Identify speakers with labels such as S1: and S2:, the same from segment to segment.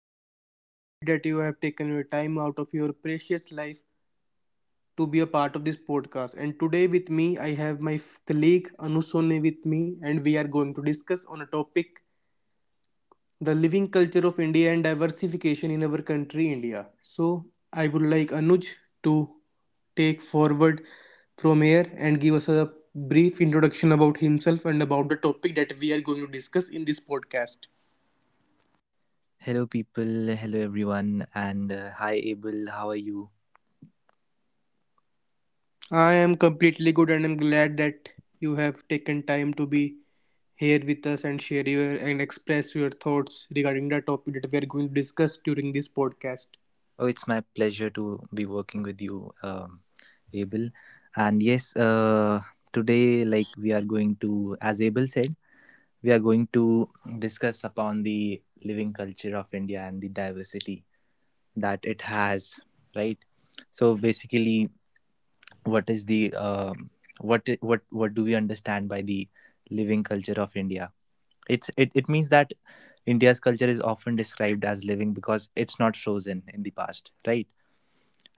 S1: and I'm really appreciated that you have taken your time out of your precious life to be a part of this podcast. And today, with me, I have my colleague Anu Sone with me, and we are going to discuss on a topic the living culture of India and diversification in our country, India. So, I would like Anuj to take forward from here and give us a brief introduction about himself and about the topic that we are going to discuss in this podcast.
S2: Hello, people. Hello, everyone. And hi, Abel. How are you?
S1: I am completely good and I'm glad that you have taken time to be here with us and share your and express your thoughts regarding the topic that we are going to discuss during this podcast.
S2: Oh, it's my pleasure to be working with you, Abel. And yes, today, like we are going to, as Abel said, we are going to discuss upon the living culture of India and the diversity that it has, right? So basically, what is the what I- what do we understand by the living culture of India? It means that india's culture is often described as living because it's not frozen in the past, right?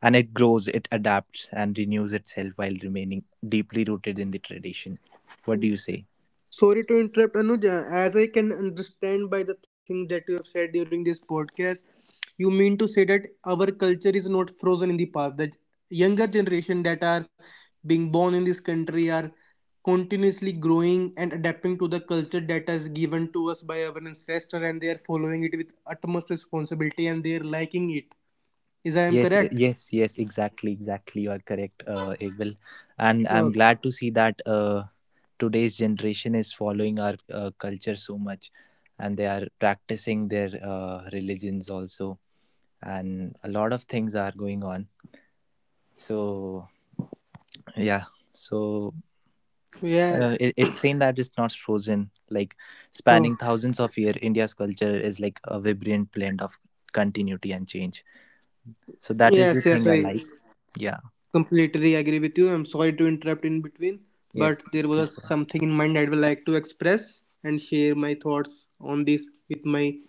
S2: And it grows, it adapts and renews itself while remaining deeply rooted in the tradition. What do you say?
S1: Sorry to interrupt, Anuja. As I can understand by the things that you have said during this podcast, you mean to say that our culture is not frozen in the past. That younger generation that are being born in this country are continuously growing and adapting to the culture that is given to us by our ancestor, and they are following it with utmost responsibility and they are liking it. Is I am
S2: yes eh,
S1: correct?
S2: yes yes exactly, exactly, you are correct, Abel. And I'm glad
S1: Okay.
S2: to see that today's generation is following our culture so much, and they are practicing their religions also, and a lot of things are going on. So yeah. So
S1: Yeah.
S2: it's saying that it's not frozen. Like
S1: So
S2: spanning thousands of years, India's culture is like a vibrant blend of continuity and change. So that is the
S1: yes, yes,
S2: thing I
S1: I
S2: like. Yeah.
S1: Completely agree with you. I'm sorry to interrupt in between,
S2: Yes.
S1: but
S2: Yes,
S1: there
S2: please
S1: was
S2: go on.
S1: something in mind I would like to express and share my thoughts on this with my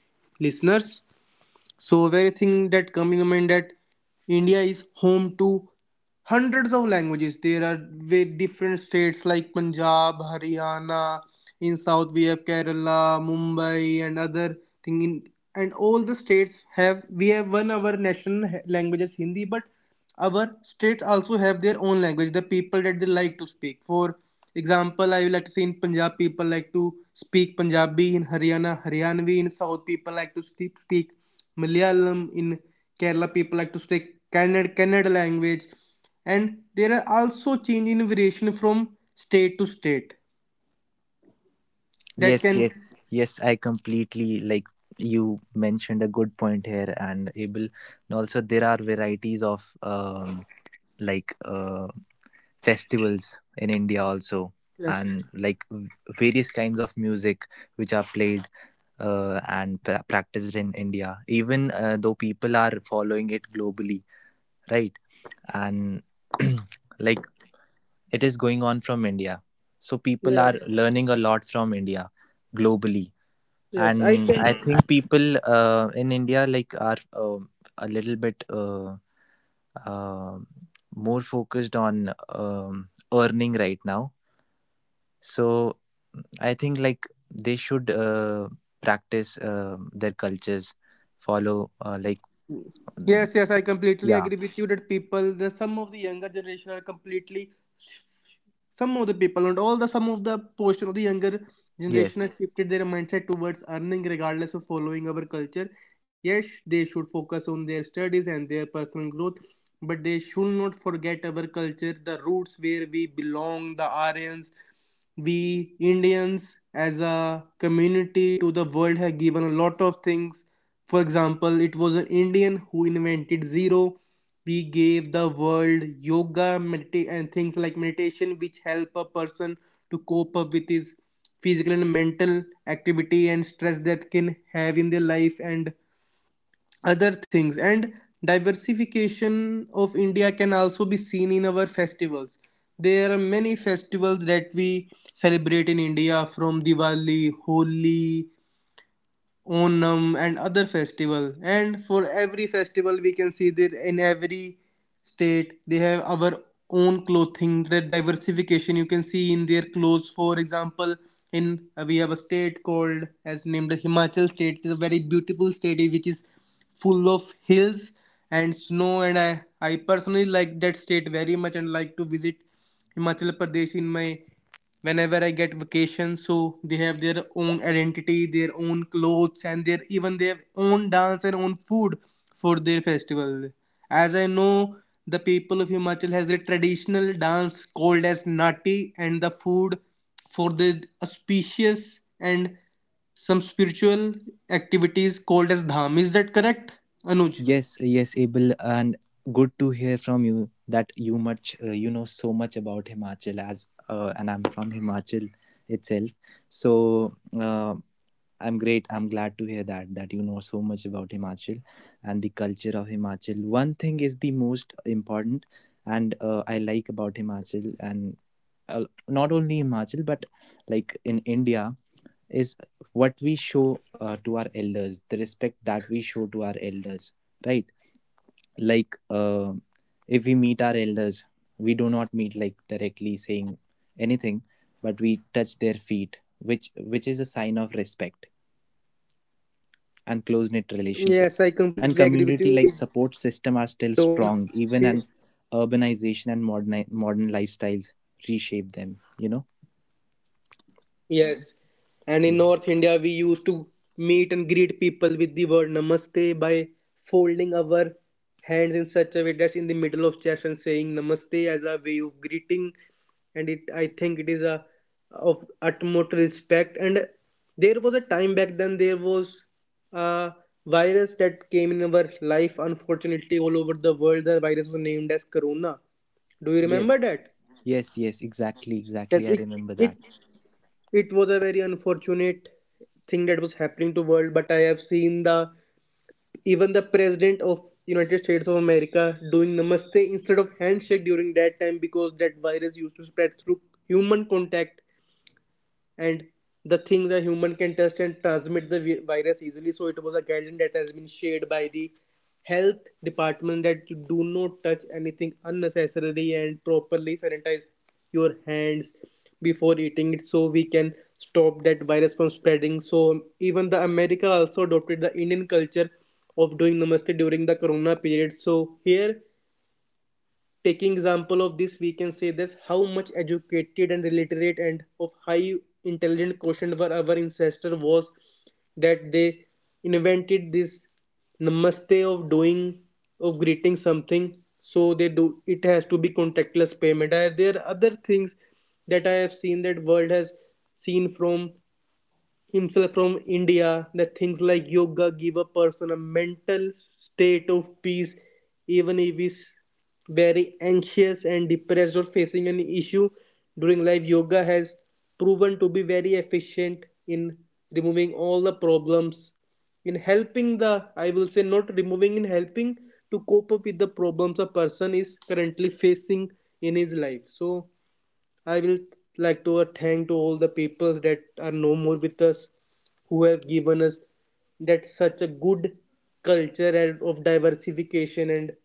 S1: listeners. So, very thing that come in mind that India is home to hundreds of languages. There are very different states like Punjab, Haryana. In South we have Kerala, Mumbai, and other thing. In and all the states have we have one our national languages Hindi, but our states also have their own language, the people that they like to speak. For example, I would like to say in Punjab, people like to speak Punjabi, in Haryana, Haryanvi, in South, people like to speak Malayalam, in Kerala, people like to speak Kannada, Kannada language. And there are also change in variation from state to state that
S2: Yes.
S1: can.
S2: Yes. Yes, I completely like, you mentioned a good point here, and able, and also there are varieties of like uh festivals in india also,
S1: Yes,
S2: and like various kinds of music which are played and practiced in India, even though people are following it globally, right? And like it is going on from India. So people are
S1: yes,
S2: learning a lot from India globally.
S1: yes, I
S2: And I
S1: can.
S2: think people in India like are a little bit um more focused on earning right now, so I think like they should practice their cultures, follow mm,
S1: Yes, yes, I completely
S2: yeah.
S1: agree with you that people, the some of the younger generation are completely some of the people and all the some of the portion of the younger generation
S2: yes
S1: has shifted their mindset towards earning regardless of following our culture. Yes, they should focus on their studies and their personal growth, but they should not forget our culture, the roots where we belong, the Aryans. We Indians as a community to the world have given a lot of things. For example, it was an Indian who invented zero. We gave the world yoga, and things like meditation, which help a person to cope up with his physical and mental activity and stress that can have in their life and other things. And diversification of India can also be seen in our festivals. There are many festivals that we celebrate in India, from Diwali, Holi, Onam and other festival. And for every festival, we can see that in every state they have our own clothing. The diversification you can see in their clothes. For example, in we have a state called as named Himachal state. It's a very beautiful state which is full of hills and snow. And I personally like that state very much and like to visit Himachal Pradesh in my whenever I get vacation. So they have their own identity, their own clothes and their even their own dance and own food for their festival. As I know, the people of Himachal has a traditional dance called as Nati, and the food for the auspicious and some spiritual activities called as Dham. Is that correct, Anuj?
S2: yes yes abel, and good to hear from you that you much, you know so much about himachal as and I'm from himachal itself. So I'm glad to hear that that you know so much about himachal and the culture of himachal. One thing is the most important and I like about himachal, and not only in Himachal but like in India is what we show to our elders, the respect that we show to our elders, right? Like if we meet our elders, we do not meet like directly saying anything, but we touch their feet, which is a sign of respect
S1: Yes, I
S2: and
S1: completely
S2: close
S1: agree
S2: knit
S1: with you. We
S2: relationship. And community like
S1: don't
S2: support
S1: save.
S2: system are still strong even an urbanization and modern lifestyles reshape them. You know.
S1: Yes, and in North India, we
S2: Yeah.
S1: used to meet and greet people with the word namaste by folding our hands in such a way that's in the middle of chest and saying namaste as a way of greeting. And it, I think, it is a of utmost respect. And there was a time back then there was a virus that came in our life. Unfortunately, all over the world, the virus was named as Corona. Do you remember
S2: Yes.
S1: that?
S2: Yes, yes, exactly, exactly.
S1: Yes,
S2: I remember
S1: it
S2: that.
S1: it was a very unfortunate thing that was happening to world, but I have seen the even the president of United States of America doing namaste instead of handshake during that time, because that virus used to spread through human contact and the things a human can test and transmit the virus easily. So it was a guideline that has been shared by the health department that you do not touch anything unnecessarily and properly sanitize your hands before eating it, so we can stop that virus from spreading. So even the America also adopted the Indian culture of doing namaste during the corona period. So here, taking example of this, we can say this how much educated and illiterate and of high intelligent quotient were our ancestor was, that they invented this namaste of doing of greeting something, so they do it has to be contactless payment. There are other things that I have seen that world has seen from himself from India, that things like yoga give a person a mental state of peace even if he's very anxious and depressed or facing an issue during life. Yoga has proven to be very efficient in removing all the problems, in helping the, I will say, not removing, in helping to cope up with the problems a person is currently facing in his life. So I will like to thank to all the people that are no more with us, who have given us that such a good culture and of diversification, and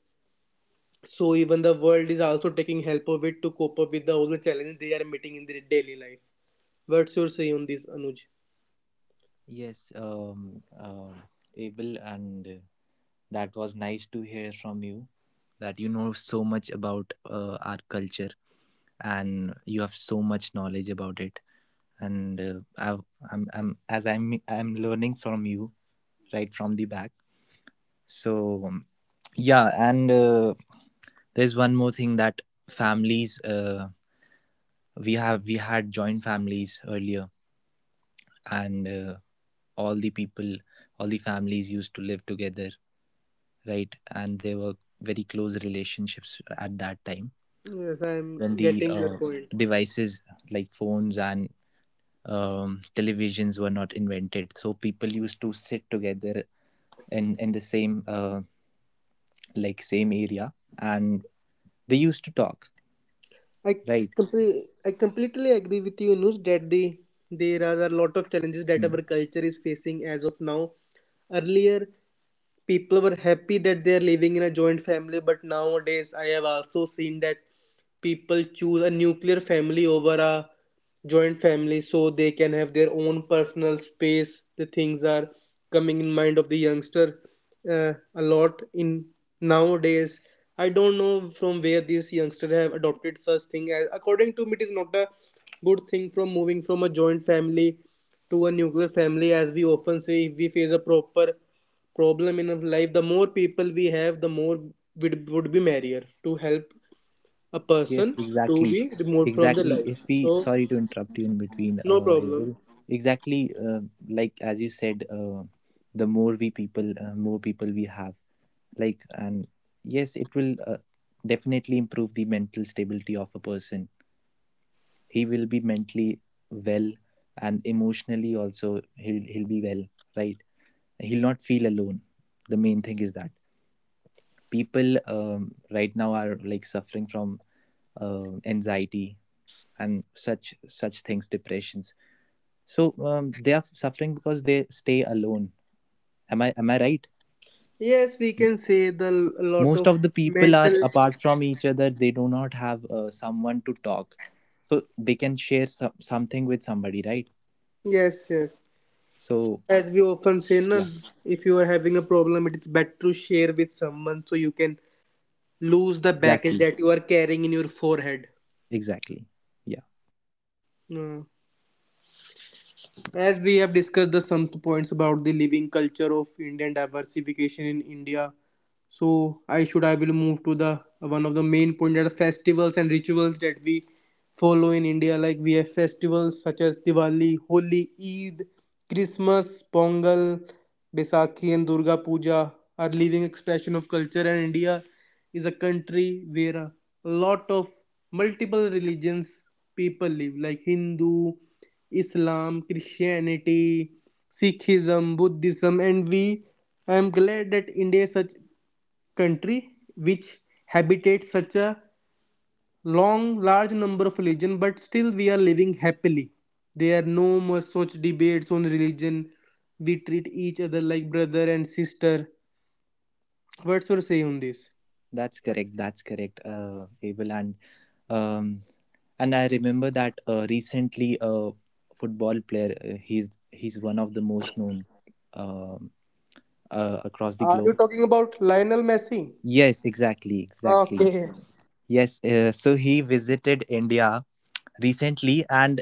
S1: so even the world is also taking help of it to cope up with the, all the challenges they are meeting in their daily life. What's your say on this, Anuj?
S2: Yes, Abel, and that was nice to hear from you that you know so much about our culture and you have so much knowledge about it. And I've, I'm, as I'm learning from you right from the back. So yeah, and there's one more thing that families, uh, we had joint families earlier, and all the people all the families used to live together, right? And there were very close relationships at that time
S1: Yes, I am
S2: when the
S1: getting your point.
S2: devices like phones and televisions were not invented, so people used to sit together in the same like same area and they used to talk,
S1: I
S2: right?
S1: I completely agree with you, Anuj, that the there are a lot of challenges that our culture is facing as of now. Earlier, people were happy that they are living in a joint family, but nowadays I have also seen that people choose a nuclear family over a joint family so they can have their own personal space. The things are coming in mind of the youngster a lot in nowadays. I don't know from where these youngsters have adopted such thing, as according to me it is not a good thing, from moving from a joint family to a nuclear family, as we often say if we face a proper problem in our life, the more people we have, the more would be merrier to help a person
S2: Yes,
S1: to
S2: exactly.
S1: be removed from the
S2: Exactly.
S1: life.
S2: If we,
S1: So
S2: sorry to interrupt you in between,
S1: no problem.
S2: Abel. Exactly. Like as you said, the more we people, more people we have. Like, and yes, it will definitely improve the mental stability of a person. He will be mentally well, and emotionally also he'll be well, right? He'll not feel alone. The main thing is that people right now are like suffering from anxiety and such things, depressions. So they are suffering because they stay alone. Am i right?
S1: Yes, we can say the a lot
S2: Most
S1: of
S2: of the people are
S1: mental.
S2: apart from each other, they do not have someone to talk, so they can share something with somebody, right?
S1: Yes, yes,
S2: So
S1: as we often say na,
S2: yeah,
S1: if you are having a problem it is better to share with someone so you can lose the baggage
S2: exactly,
S1: that you are carrying in your forehead.
S2: exactly. Yeah.
S1: Mm. As we have discussed the some points about the living culture of Indian diversification in India, so I should I will move to the one of the main point that are festivals and rituals that we follow in India. Like we have festivals such as Diwali, Holi, Eid, Christmas, Pongal, Baisakhi and Durga Puja are living expression of culture, and India is a country where a lot of multiple religions people live, like Hindu, Islam, Christianity, Sikhism, Buddhism, and we I am glad that India is such country which habitates such a long large number of religion, but still we are living happily. There are no more such debates on religion. We treat each other like brother and sister. What's your say on this?
S2: That's correct, that's correct, abel, and um and I remember that recently a football player, he's one of the most known um across the
S1: Are
S2: globe.
S1: you talking about Lionel Messi?
S2: Yes, exactly, exactly.
S1: Okay.
S2: Yes, so he visited India recently, and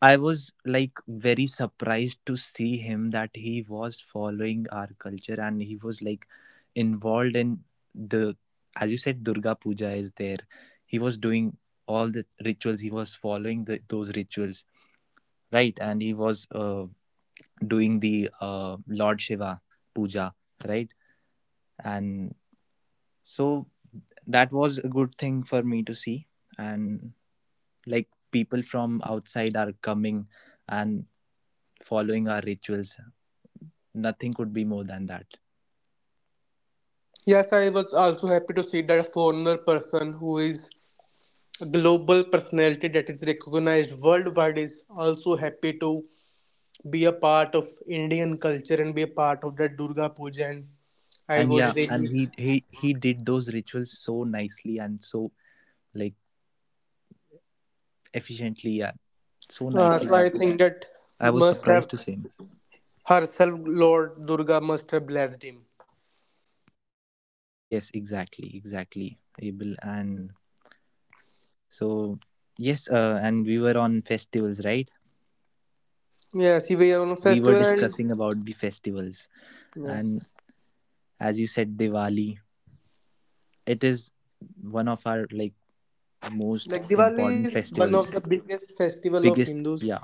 S2: I was like very surprised to see him that he was following our culture, and he was like involved in the, as you said, Durga Puja is there. He was doing all the rituals, he was following the, those rituals, right? And he was doing the Lord Shiva puja, right? And so that was a good thing for me to see. And like people from outside are coming and following our rituals. Nothing could be more than that.
S1: Yes, I was also happy to see that a foreigner person who is a global personality that is recognized worldwide is also happy to be a part of Indian culture and be a part of that Durga Puja. And I
S2: And yeah,
S1: was
S2: and
S1: really
S2: he did those rituals so nicely and so like efficiently, yeah, so nicely
S1: so I
S2: that
S1: think that
S2: I was
S1: must have
S2: surprised to see him.
S1: herself Lord Durga must have blessed him.
S2: Yes, exactly, exactly, Abel, and so yes, and we were on festivals, right?
S1: Yes, he was on a
S2: We were
S1: festival and
S2: discussing about the festivals,
S1: yes.
S2: and as you said, Diwali. It is one of our like most
S1: Like Diwali
S2: important
S1: is one of
S2: festivals,
S1: the biggest festival of
S2: biggest,
S1: Hindus,
S2: yeah,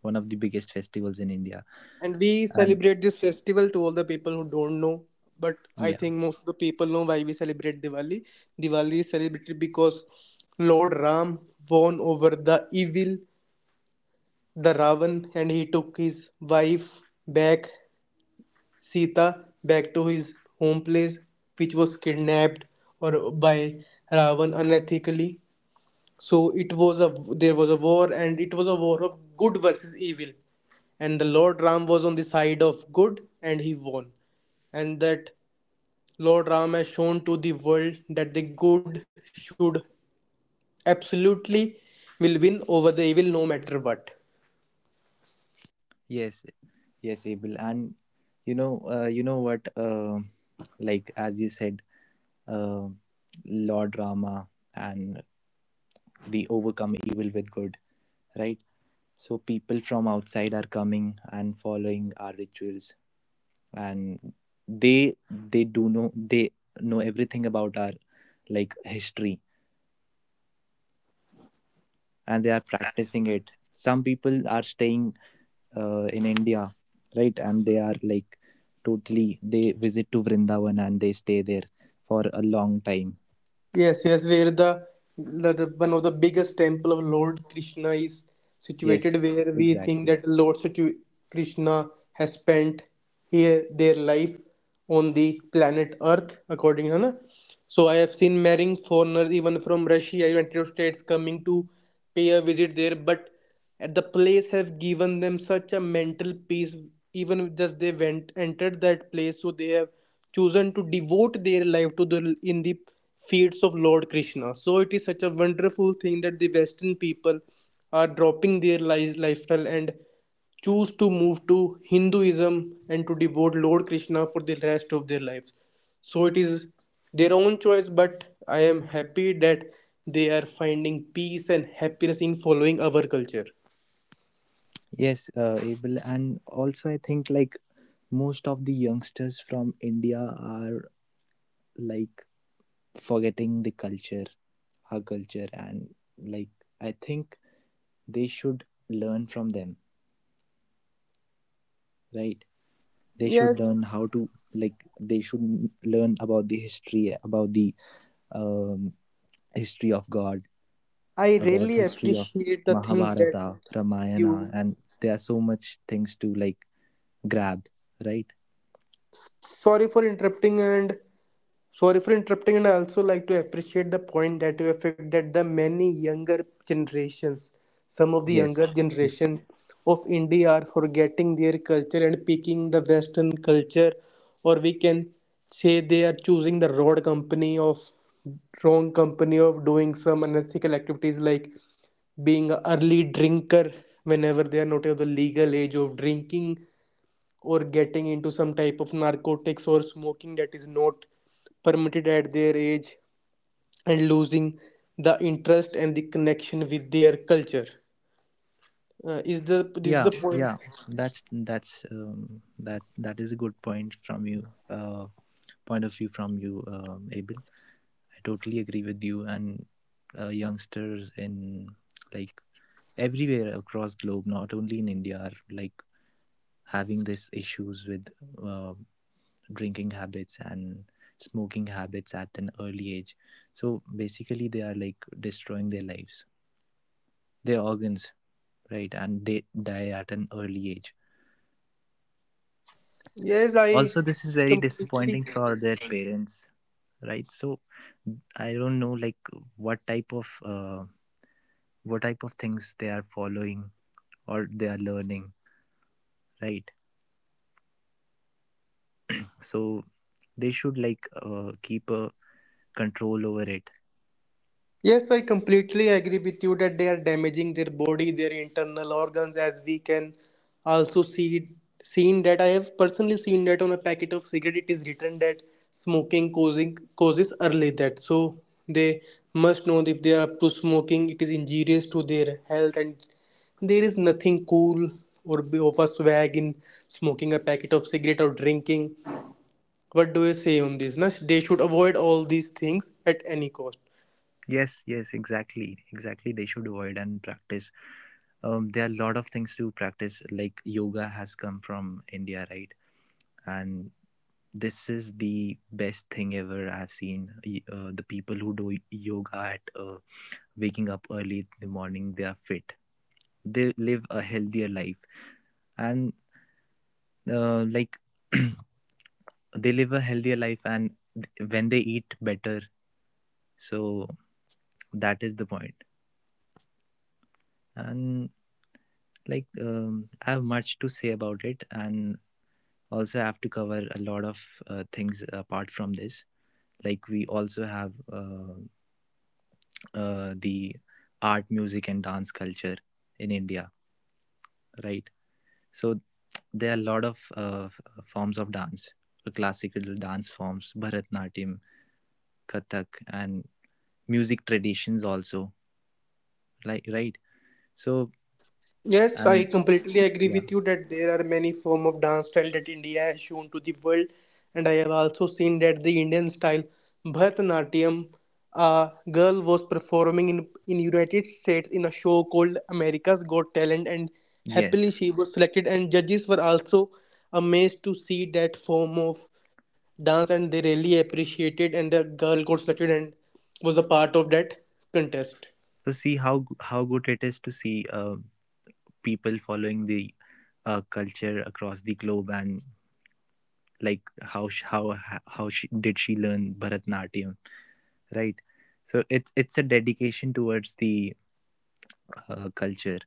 S2: one of the biggest festivals in India.
S1: and we
S2: And
S1: celebrate this festival to all the people who don't know. But I
S2: yeah,
S1: think most of the people know why we celebrate Diwali. Diwali is celebrated because Lord Ram won over the evil, the Ravan, and he took his wife back, Sita, back to his home place, which was kidnapped or by Ravan unethically. So it was a There was a war, and it was a war of good versus evil, and the Lord Ram was on the side of good and he won, and that Lord Ram has shown to the world that the good should absolutely will win over the evil no matter what.
S2: yes, yes, Abel, and you know what, like as you said, uh, Lord Rama and the overcome evil with good, right? So people from outside are coming and following our rituals, and they do know, they know everything about our like history, and they are practicing it. Some people are staying in India, right, and they are like totally they visit to Vrindavan and they stay there for a long time.
S1: Yes, yes, where the one of the biggest temple of Lord Krishna is situated,
S2: Yes,
S1: where we think
S2: exactly.
S1: that Lord Krishna has spent here their life on the planet Earth, according to Hannah. So I have seen marrying foreigners even from Russia, United States, coming to pay a visit there, but at the place have given them such a mental peace even just they went entered that place, so they have chosen to devote their life to the in the feats of lord krishna, so it is such a wonderful thing that the western people are dropping their lifestyle and choose to move to Hinduism and to devote Lord Krishna for the rest of their lives. So it is their own choice, but I am happy that they are finding peace and happiness in following our culture.
S2: Yes, Abel, and also I think like most of the youngsters from India are like forgetting the culture, our culture, and like I think they should learn from them, right? They should
S1: Yes,
S2: learn how to, like they should learn about the um, history of God,
S1: I
S2: about
S1: really
S2: history of
S1: appreciate the things that
S2: Mahabharata,
S1: you.
S2: Ramayana, and there are so much things to like grab, right?
S1: Sorry for interrupting, and Sorry for interrupting, and I also like to appreciate the point that you have made that the many younger generations, some of the
S2: Yes.
S1: younger
S2: Yes.
S1: generation of India are forgetting their culture and picking the Western culture, or we can say they are choosing the road company of wrong company of doing some unethical activities like being an early drinker whenever they are not of the legal age of drinking or getting into some type of narcotics or smoking that is not permitted at their age, and losing the interest and the connection with their culture. Is the
S2: Yeah.
S1: point?
S2: Yeah. That is a good point from you. Point of view from you, Abel. I totally agree with you. And youngsters in like everywhere across globe, not only in India, are like having these issues with uh, drinking habits and smoking habits at an early age. So basically, they are like destroying their lives, their organs, right? And they die at an early age.
S1: Yes, I
S2: Also, this is very
S1: completely
S2: disappointing for their parents, right? So I don't know like what type of uh, what type of things they are following or they are learning, right? So they should like keep a control over it.
S1: Yes, I completely agree with you that they are damaging their body, their internal organs, as we can also seen that I have personally seen that on a packet of cigarette it is written that smoking causing causes early death. So they must know if they are up to smoking, it is injurious to their health, and there is nothing cool or be of a swag in smoking a packet of cigarette or drinking. What do you say on this, Nash? They should avoid all these things at any cost.
S2: Yes, yes, exactly, exactly, they should avoid and practice, there are a lot of things to practice like yoga has come from india, right? And this is the best thing ever I've seen. The people who do yoga at waking up early in the morning, they are fit, they live a healthier life, and like they live a healthier life and when they eat better. So that is the point. And like I have much to say about it, and also I have to cover a lot of things apart from this. Like we also have the art, music and dance culture in india, right? So there are a lot of forms of dance, classical dance forms, bharatnatyam, Kathak, and music traditions also, like right? So
S1: Yes, I
S2: and
S1: completely agree
S2: yeah,
S1: with you that there are many form of dance style that India has shown to the world, and I have also seen that the Indian style Bharatanatyam, a girl was performing in United States in a show called America's Got Talent, and happily
S2: yes.
S1: she was selected, and judges were also amazed to see that form of dance, and they really appreciated, and the girl got selected and was a part of that contest.
S2: So see how how good it is to see people following the culture across the globe, and like how did she learn Bharatnatyam, right? So it's a dedication towards the culture,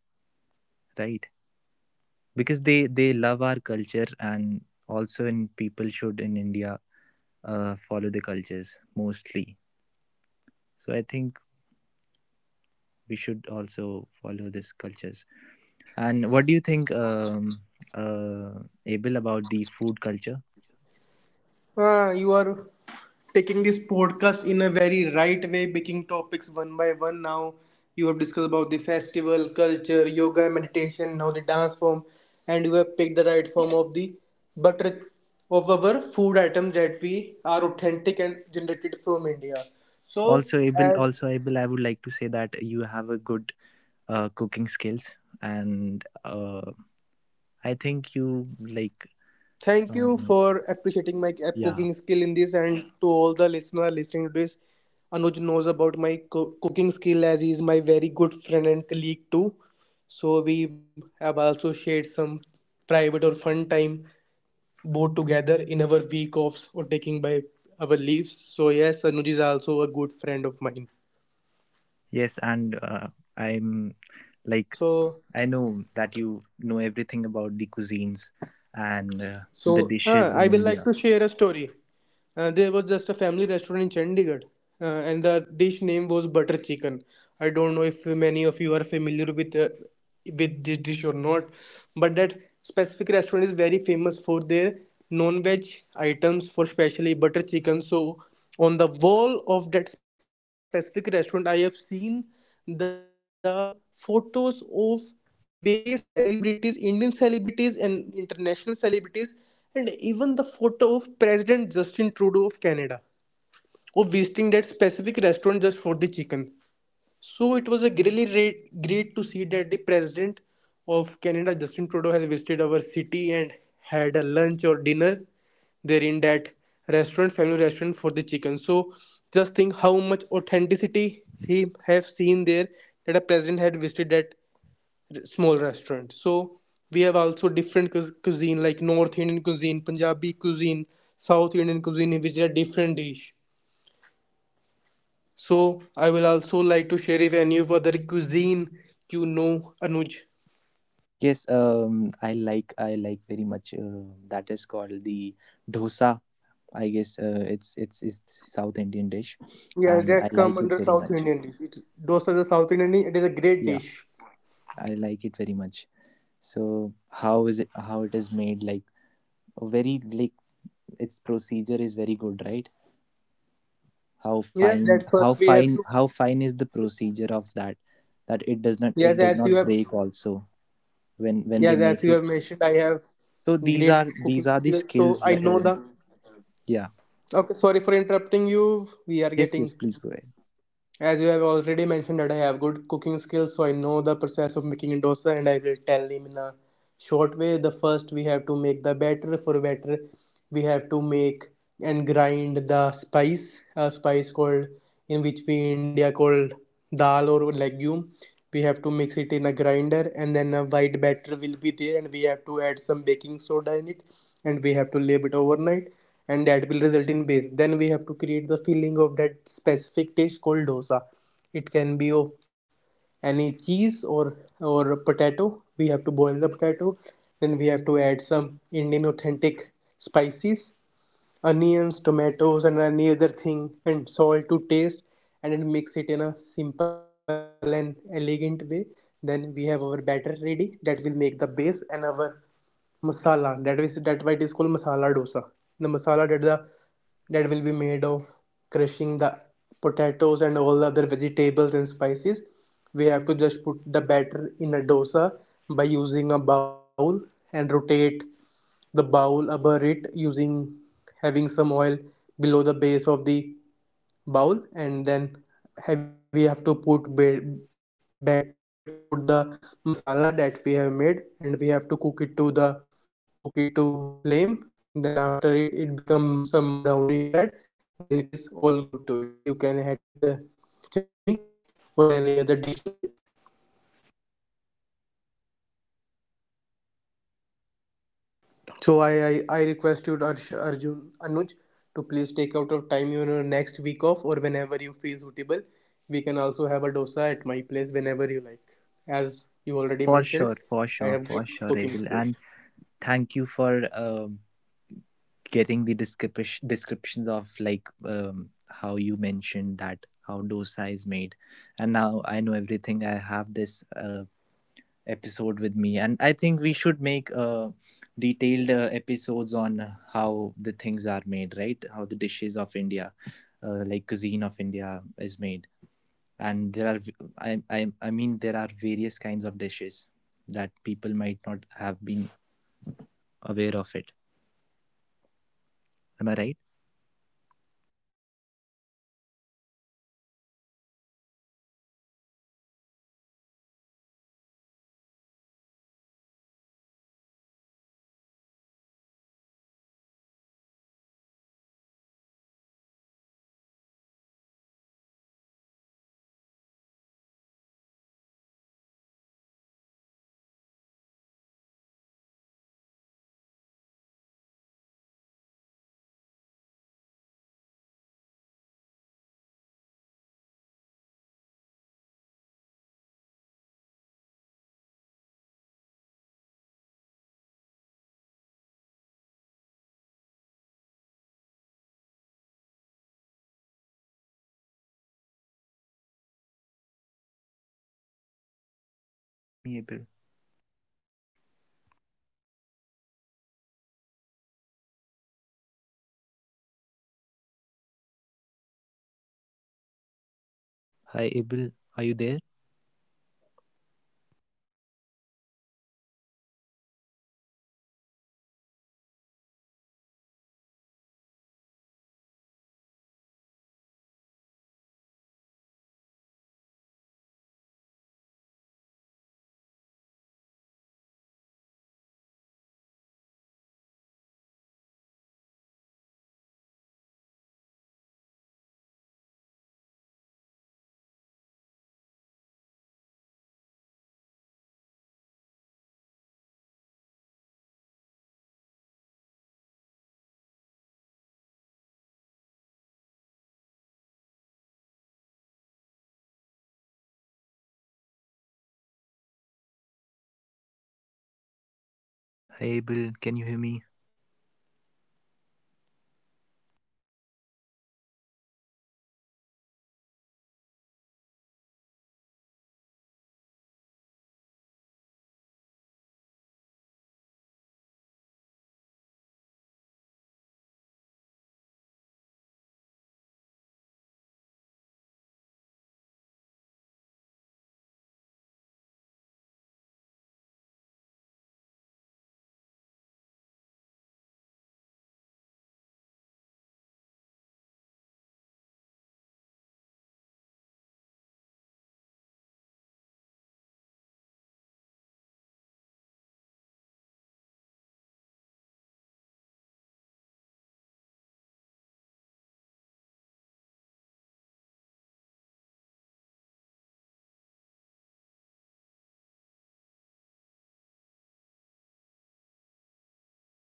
S2: right? Because they love our culture, and also in people should in India follow the cultures mostly. So I think we should also follow these cultures. And what do you think, uh, Abel, about the food culture?
S1: Ah, you are taking this podcast in a very right way, picking topics one by one. Now you have discussed about the festival, culture, yoga, meditation, now the dance form, and you have picked the right form of the butter of our food items that we are authentic and generated from India. So as
S2: Also Abel, I would like to say that you have a good cooking skills, and I think you like,
S1: Thank you
S2: uh,
S1: for appreciating my
S2: yeah,
S1: cooking skill in this, and to all the listener listening to this, Anuj knows about my cooking skill as he is my very good friend and colleague too. So we have also shared some private or fun time both together in our week offs or taking by our leaves. So yes, Anuj is also a good friend of mine.
S2: yes, and I'm like
S1: So
S2: I know that you know everything about the cuisines and the
S1: so
S2: dishes
S1: I
S2: in
S1: will like
S2: India.
S1: to share a story. There was just a family restaurant in Chandigarh, and the dish name was butter chicken. I don't know if many of you are familiar with this dish or not, but that specific restaurant is very famous for their non-veg items, for especially butter chicken. So on the wall of that specific restaurant, I have seen the photos of various celebrities, Indian celebrities and international celebrities, and even the photo of President Justin Trudeau of Canada or wasting that specific restaurant just for the chicken. So it was a really great, great to see that the president of Canada, Justin Trudeau, has visited our city and had a lunch or dinner there in that restaurant, family restaurant for the chicken. So just think how much authenticity he have seen there that a president had visited that small restaurant. So we have also different cuisine like North Indian cuisine, Punjabi cuisine, South Indian cuisine, which are different dish. So I will also like to share if any of other cuisine you know, Anuj.
S2: Yes, I like, I like very much. That is called the dosa. I guess it's South Indian dish,
S1: Yes,
S2: and
S1: that's
S2: I
S1: come
S2: like
S1: under
S2: it very
S1: South
S2: much.
S1: Indian dish. Dosa is a South Indian dish. It is a great
S2: Yeah,
S1: dish.
S2: I like it very much. So how is it? How it is made? Like very like its procedure is very good, right? How
S1: Yes,
S2: fine?
S1: that
S2: How
S1: first we have
S2: fine?
S1: to.
S2: How fine is the procedure of that?
S1: Yes,
S2: That it
S1: as
S2: does
S1: you
S2: not
S1: have.
S2: it does not break also
S1: Yes, as you
S2: when
S1: have
S2: they make
S1: mentioned, I
S2: it.
S1: have great
S2: So
S1: cooking
S2: these
S1: skills,
S2: are the
S1: so I know
S2: skills.
S1: the.
S2: Yeah.
S1: Okay, sorry for interrupting you. We are
S2: Yes.
S1: getting.
S2: Yes, please go ahead.
S1: As you have already mentioned that I have good cooking skills, so I know the process of making dosa, and I will tell him in a short way. The first we have to make the batter. For batter we have to make and grind the spice a spice called, in which we india called dal or legume. We have to mix it in a grinder, and then a white batter will be there, and we have to add some baking soda in it, and we have to leave it overnight, and that will result in base. Then we have to create the filling of that specific dish called dosa. It can be of any cheese or potato. We have to boil the potato, then we have to add some indian authentic spices, onions, tomatoes, and any other thing, and salt to taste, and then mix it in a simple and elegant way. Then we have our batter ready that will make the base, and our masala, that is that why it is called masala dosa. The masala that will be made of crushing the potatoes and all the other vegetables and spices. We have to just put the batter in a dosa by using a bowl and rotate the bowl above it, using having some oil below the base of the bowl, and then we have to put bed. That we have to put the masala that we have made, and we have to cook it to the cook it to flame. Then after it becomes some brownish red, then it is all good to it. You can have it with a chutney or any other dish you like. So I request you, Anuj, to please take out of time your next week off or whenever you feel suitable. We can also have a dosa at my place whenever you like. As
S2: For
S1: you
S2: sure,
S1: already
S2: for sure,
S1: mentioned,
S2: for sure,
S1: I
S2: Abel.
S1: have good
S2: And
S1: cooking skills.
S2: thank you for getting the descriptions of like how you mentioned that how dosa is made, and now I know everything. I have this episode with me, and I think we should make detailed episodes on how the things are made, right? How the dishes of India, like cuisine of India, is made, and there are, I mean there are various kinds of dishes that people might not have been aware of it. Am I right? Can you hear me, abel? Hi abel. Are you there? Hi abel, can you hear me?